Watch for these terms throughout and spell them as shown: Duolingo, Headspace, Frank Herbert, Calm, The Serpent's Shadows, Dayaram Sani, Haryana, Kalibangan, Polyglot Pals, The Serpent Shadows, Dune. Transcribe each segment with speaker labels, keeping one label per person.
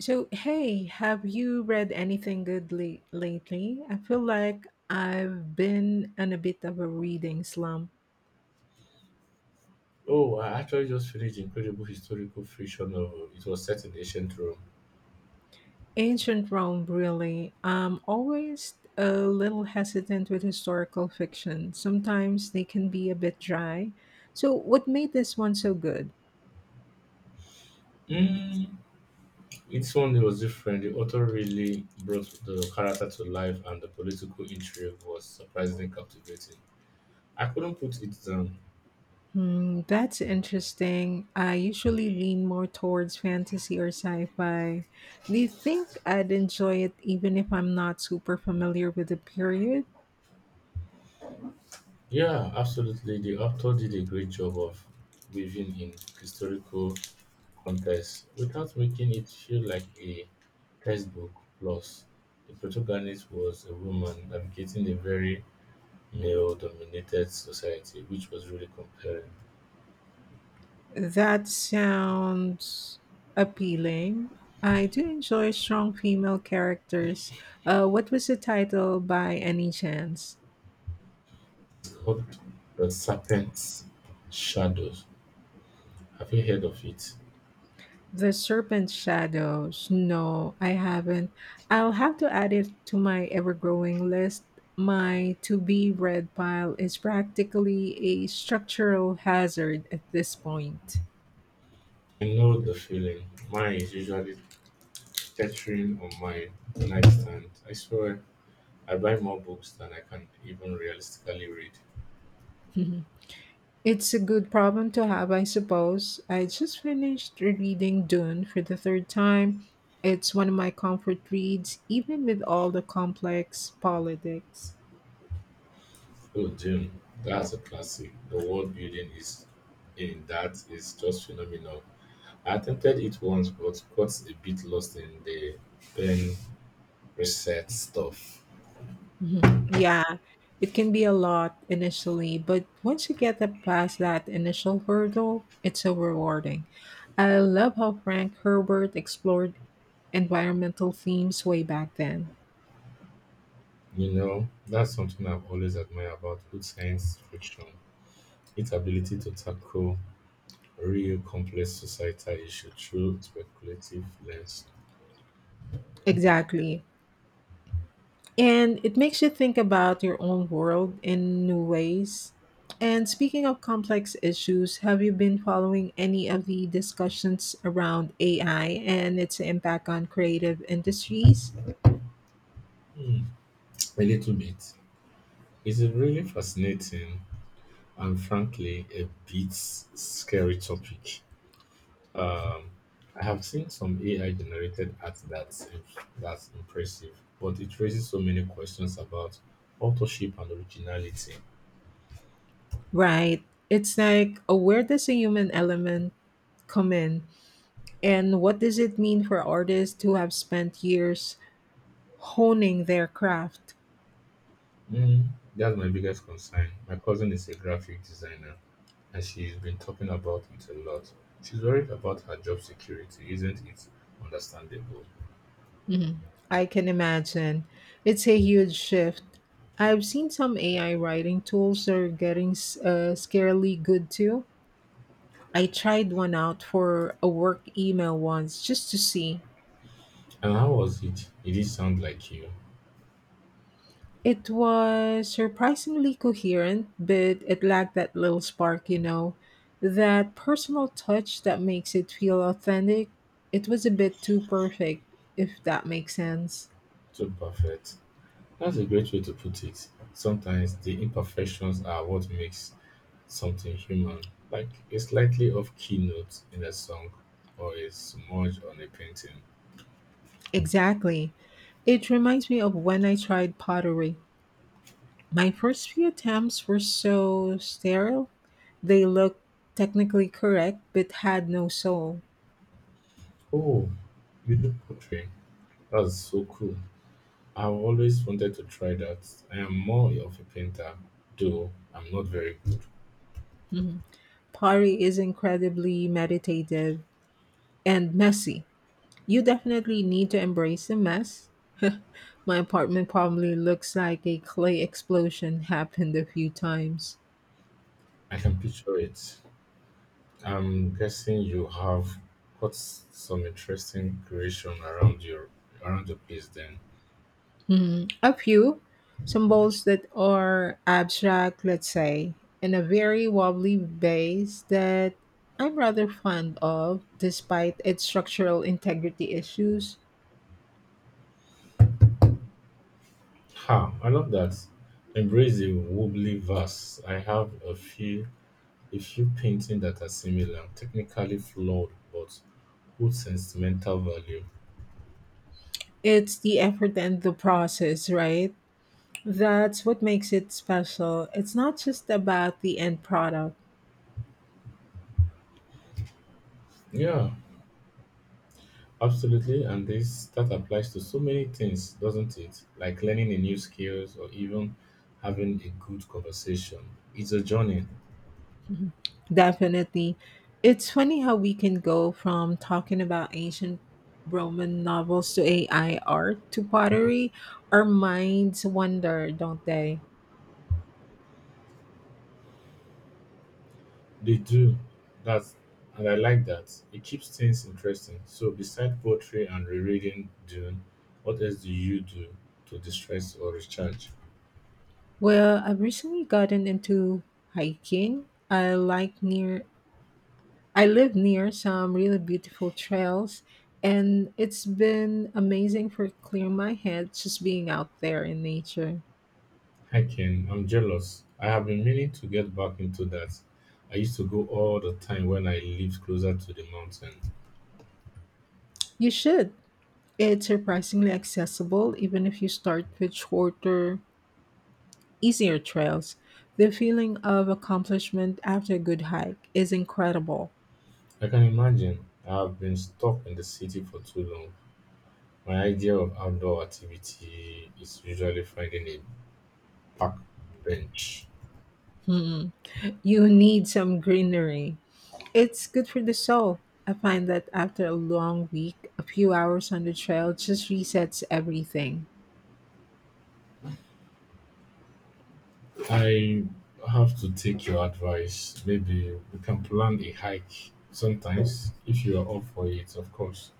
Speaker 1: So, hey, have you read anything good lately? I feel like I've been in a bit of a reading slump.
Speaker 2: Oh, I actually just finished incredible historical fiction novel. It was set in ancient Rome.
Speaker 1: Ancient Rome, really. I'm always a little hesitant with historical fiction. Sometimes they can be a bit dry. So, what made this one so good?
Speaker 2: Mm. It's one that was different. The author really brought the character to life, and the political intrigue was surprisingly captivating. I couldn't put it down.
Speaker 1: That's interesting. I usually lean more towards fantasy or sci fi. Do you think I'd enjoy it even if I'm not super familiar with the period?
Speaker 2: Yeah, absolutely. The author did a great job of weaving in historical context without making it feel like a textbook. Plus, the protagonist was a woman navigating a very male-dominated society, which was really compelling.
Speaker 1: That sounds appealing. I do enjoy strong female characters. What was the title by any chance?
Speaker 2: It's called The Serpent's Shadows. Have you heard of it?
Speaker 1: The Serpent Shadows. No, I haven't. I'll have to add it to my ever growing list. My to be read pile is practically a structural hazard at this point.
Speaker 2: I know the feeling. Mine is usually teetering on my nightstand. I swear, I buy more books than I can even realistically read.
Speaker 1: It's a good problem to have, I suppose. I just finished reading Dune for the third time. It's one of my comfort reads, even with all the complex politics.
Speaker 2: Oh, Jim, that's a classic. The world building is in that is just phenomenal. I attempted it once, but got a bit lost in the pen reset stuff.
Speaker 1: Mhm. Yeah, it can be a lot initially, but once you past that initial hurdle, it's so rewarding. I love how Frank Herbert explored environmental themes way back then.
Speaker 2: You know, that's something I've always admired about good science fiction. Its ability to tackle real complex societal issues through speculative lens.
Speaker 1: Exactly. And it makes you think about your own world in new ways. And speaking of complex issues, have you been following any of the discussions around AI and its impact on creative industries?
Speaker 2: Hmm, a little bit. It's a really fascinating and frankly a bit scary topic. Um, I have seen some AI generated art that's impressive, but it raises so many questions about authorship and originality.
Speaker 1: Right. It's like, where does a human element come in? And what does it mean for artists who have spent years honing their craft?
Speaker 2: Mm, that's my biggest concern. My cousin is a graphic designer and she's been talking about it a lot. She's worried about her job security, isn't it? Understandable.
Speaker 1: I can imagine. It's a huge shift. I've seen some AI writing tools are getting scarily good too. I tried one out for a work email once just to see.
Speaker 2: And how was it? It did sound like you.
Speaker 1: It was surprisingly coherent, but it lacked that little spark, that personal touch that makes it feel authentic. It was a bit too perfect, if that makes sense.
Speaker 2: Too perfect. That's a great way to put it. Sometimes the imperfections are what makes something human, like a slightly off key note in a song or a smudge on a painting.
Speaker 1: Exactly. It reminds me of when I tried pottery. My first few attempts were so sterile. They looked technically correct but had no soul.
Speaker 2: Oh, you do poetry. That's so cool. I've always wanted to try that. I am more of a painter, though I'm not very good.
Speaker 1: Pottery is incredibly meditative and messy. You definitely need to embrace the mess. My apartment probably looks like a clay explosion happened a few times.
Speaker 2: I can picture it. I'm guessing you have got some interesting creation around your place then.
Speaker 1: A few some symbols that are abstract, let's say, and a very wobbly base that I'm rather fond of, despite its structural integrity issues.
Speaker 2: Ha, I love that. Embrace the wobbly vase. I have a few paintings that are similar, technically flawed, but good sentimental value.
Speaker 1: It's the effort and the process, right? That's what makes it special. It's not just about the end product.
Speaker 2: Yeah, absolutely, and this that applies to so many things, doesn't it? Like learning a new skills or even having a good conversation. It's a journey.
Speaker 1: Definitely. It's funny how we can go from talking about ancient Roman novels to AI art to pottery. Our minds wander, don't they?
Speaker 2: They do that, and I like that. It keeps things interesting. So, beside poetry and rereading Dune, what else do you do to distress or recharge?
Speaker 1: Well, I've recently gotten into hiking. I live near some really beautiful trails and it's been amazing for clearing my head just being out there in nature.
Speaker 2: Hiking. I'm jealous. I have been meaning to get back into that. I used to go all the time when I lived closer to the mountain.
Speaker 1: You should. It's surprisingly accessible even if you start with shorter easier trails. The feeling of accomplishment after a good hike is incredible.
Speaker 2: I can imagine. I have been stuck in the city for too long. My idea of outdoor activity is usually finding a park bench.
Speaker 1: Hmm. You need some greenery. It's good for the soul. I find that after a long week, a few hours on the trail just resets everything.
Speaker 2: I have to take your advice. Maybe we can plan a hike sometimes if you are up for it, of course.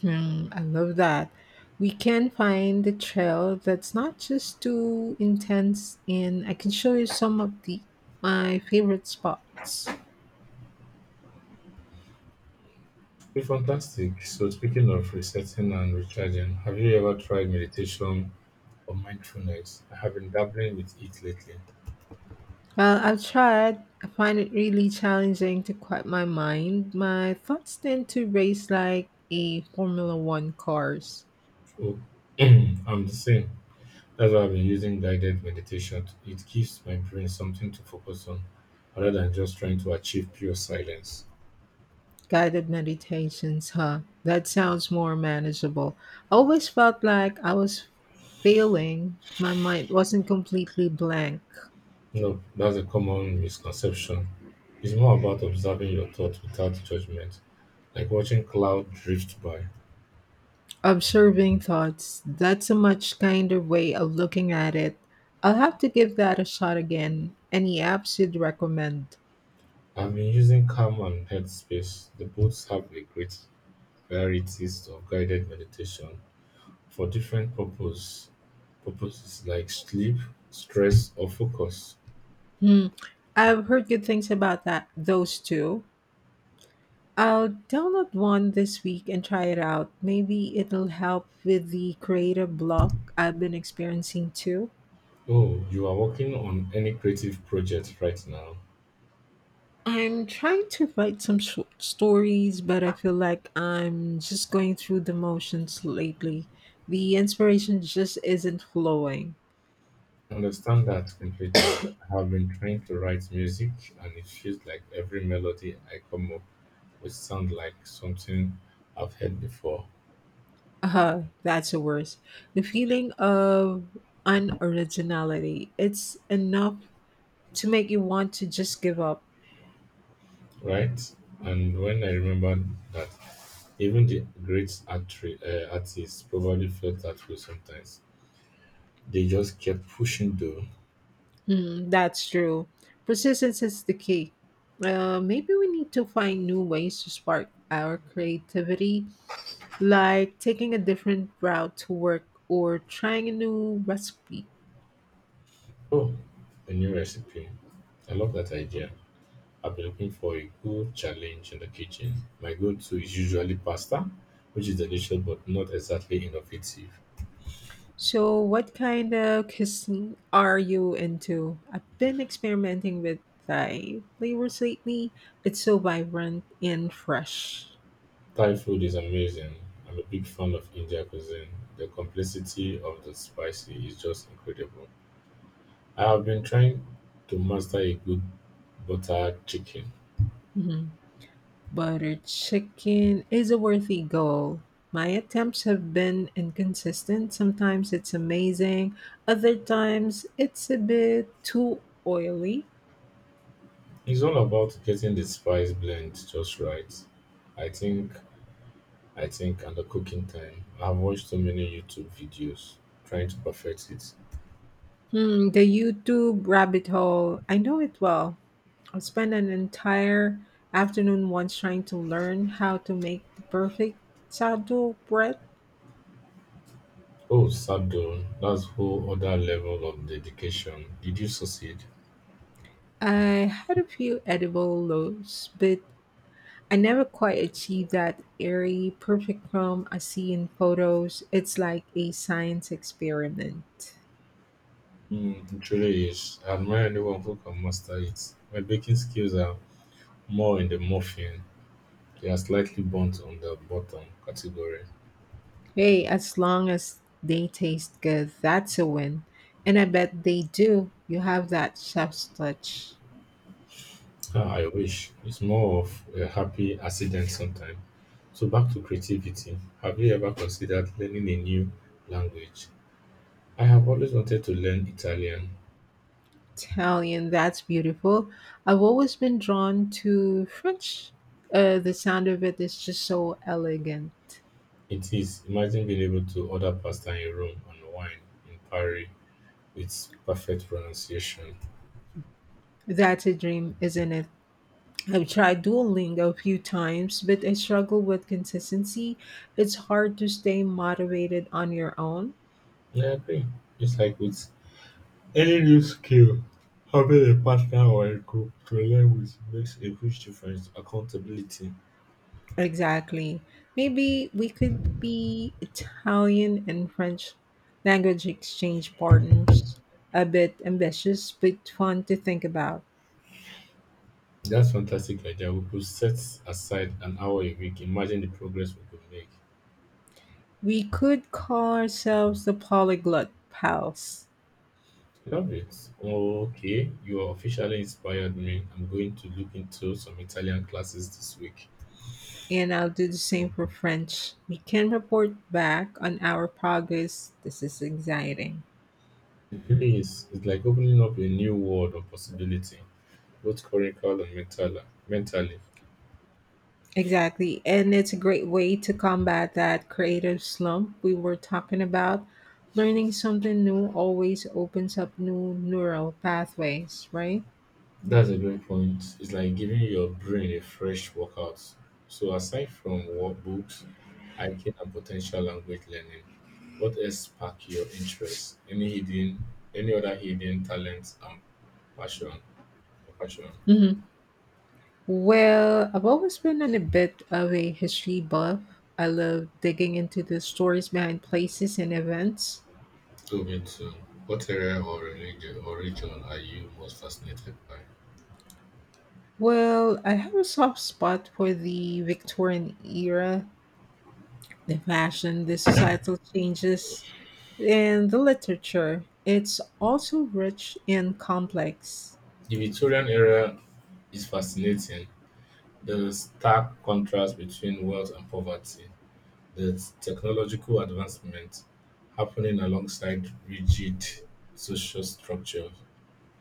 Speaker 1: I love that. We can find a trail that's not just too intense, and I can show you some of the my favorite spots.
Speaker 2: Be fantastic. So, speaking of resetting and recharging, have you ever tried meditation or mindfulness? I have been dabbling with it lately.
Speaker 1: Well, I've tried. I find it really challenging to quiet my mind. My thoughts tend to race like a Formula One cars.
Speaker 2: Oh, I'm the same. That's why I've been using guided meditation. It gives my brain something to focus on rather than just trying to achieve pure silence.
Speaker 1: Guided meditations, huh? That sounds more manageable. I always felt like I was failing. My mind wasn't completely blank.
Speaker 2: No, that's a common misconception. It's more about observing your thoughts without judgment, like watching cloud drift by.
Speaker 1: Observing thoughts, that's a much kinder way of looking at it. I'll have to give that a shot again. Any apps you'd recommend?
Speaker 2: I've been using Calm and Headspace. The both have a great varieties of guided meditation for purposes like sleep, stress, or focus.
Speaker 1: Hmm. I've heard good things about that those two. I'll download one this week and try it out. Maybe it'll help with the creative block I've been experiencing too.
Speaker 2: Oh, you are working on any creative project right now?
Speaker 1: I'm trying to write some stories, but I feel like I'm just going through the motions lately. The inspiration just isn't flowing.
Speaker 2: I understand that completely. I have been trying to write music, and it feels like every melody I come up with sounds like something I've heard before,
Speaker 1: That's the worst. The feeling of unoriginality. It's enough to make you want to just give up.
Speaker 2: right? And when I remember that even the great artists probably felt that way sometimes, they just kept pushing though.
Speaker 1: That's true. Persistence is the key. Maybe we need to find new ways to spark our creativity, like taking a different route to work or trying a new recipe.
Speaker 2: Oh, a new recipe. I love that idea. I've been looking for a good challenge in the kitchen. My go to is usually pasta, which is delicious but not exactly innovative.
Speaker 1: So, what kind of cuisine are you into? I've been experimenting with Thai flavors lately. It's so vibrant and fresh.
Speaker 2: Thai food is amazing. I'm a big fan of Indian cuisine. The complexity of the spicy is just incredible. I have been trying to master a good butter chicken.
Speaker 1: Mm-hmm. Butter chicken is a worthy goal. My attempts have been inconsistent. Sometimes it's amazing, other times it's a bit too oily.
Speaker 2: It's all about getting the spice blend just right. I think, I think, and the cooking time. I've watched so many YouTube videos trying to perfect it.
Speaker 1: The YouTube rabbit hole, I know it well. I spent an entire afternoon once trying to learn how to make the perfect sourdough bread.
Speaker 2: Oh, Sadhu, that's whole other level of dedication. Did you succeed?
Speaker 1: I had a few edible loaves, but I never quite achieve that airy, perfect calm I see in photos. It's like a science experiment.
Speaker 2: Mm, it truly is. I admire anyone who can master it. My baking skills are more in the muffin. They are slightly burnt on the bottom category.
Speaker 1: Hey, as long as they taste good, that's a win. And I bet they do. You have that chef's touch.
Speaker 2: Ah, I wish. It's more of a happy accident sometimes. So back to creativity. Have you ever considered learning a new language? I have always wanted to learn Italian.
Speaker 1: Italian, that's beautiful. I've always been drawn to French. The sound of it is just so elegant.
Speaker 2: It is. Imagine being able to order pasta in Rome and wine in Paris with perfect pronunciation.
Speaker 1: That's a dream, isn't it? I've tried Duolingo a few times, but I struggle with consistency. It's hard to stay motivated on your own.
Speaker 2: Yeah, I agree. Just like with any new skill, having a partner or a group to learn with makes a huge difference. Accountability.
Speaker 1: Exactly. Maybe we could be Italian and French language exchange partners. A bit ambitious, but fun to think about.
Speaker 2: That's fantastic idea. We could set aside an hour a week. Imagine the progress we could make.
Speaker 1: We could call ourselves the Polyglot Pals,
Speaker 2: Love it. Okay, you are officially inspired me. I'm going to look into some Italian classes this week.
Speaker 1: and I'll do the same for French. We can report back on our progress. This is exciting.
Speaker 2: It really is. It's like opening up a new world of possibility, both curricular and mentally.
Speaker 1: Exactly. And it's a great way to combat that creative slump we were talking about. Learning something new always opens up new neural pathways, right?
Speaker 2: That's a great point. It's like giving your brain a fresh workout. So, aside from books, hiking, and potential language learning, what else spark your interest? Any other hidden talents and passion? passion?
Speaker 1: hmm Well, I've always been on a bit of a history buff. I love digging into the stories behind places and events.
Speaker 2: So, me too. What area or religion or region are you most fascinated by?
Speaker 1: Well, I have a soft spot for the Victorian era, the fashion, the societal changes, in the literature, it's also rich and complex.
Speaker 2: The Victorian era is fascinating. There's a stark contrast between wealth and poverty. There's technological advancement happening alongside rigid social structures.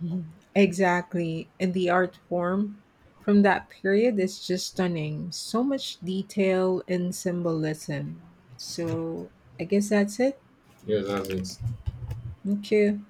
Speaker 1: Mhm. Exactly. And the art form from that period is just stunning. So much detail and symbolism. So I guess that's it.
Speaker 2: Yes, that's it.
Speaker 1: Thank you.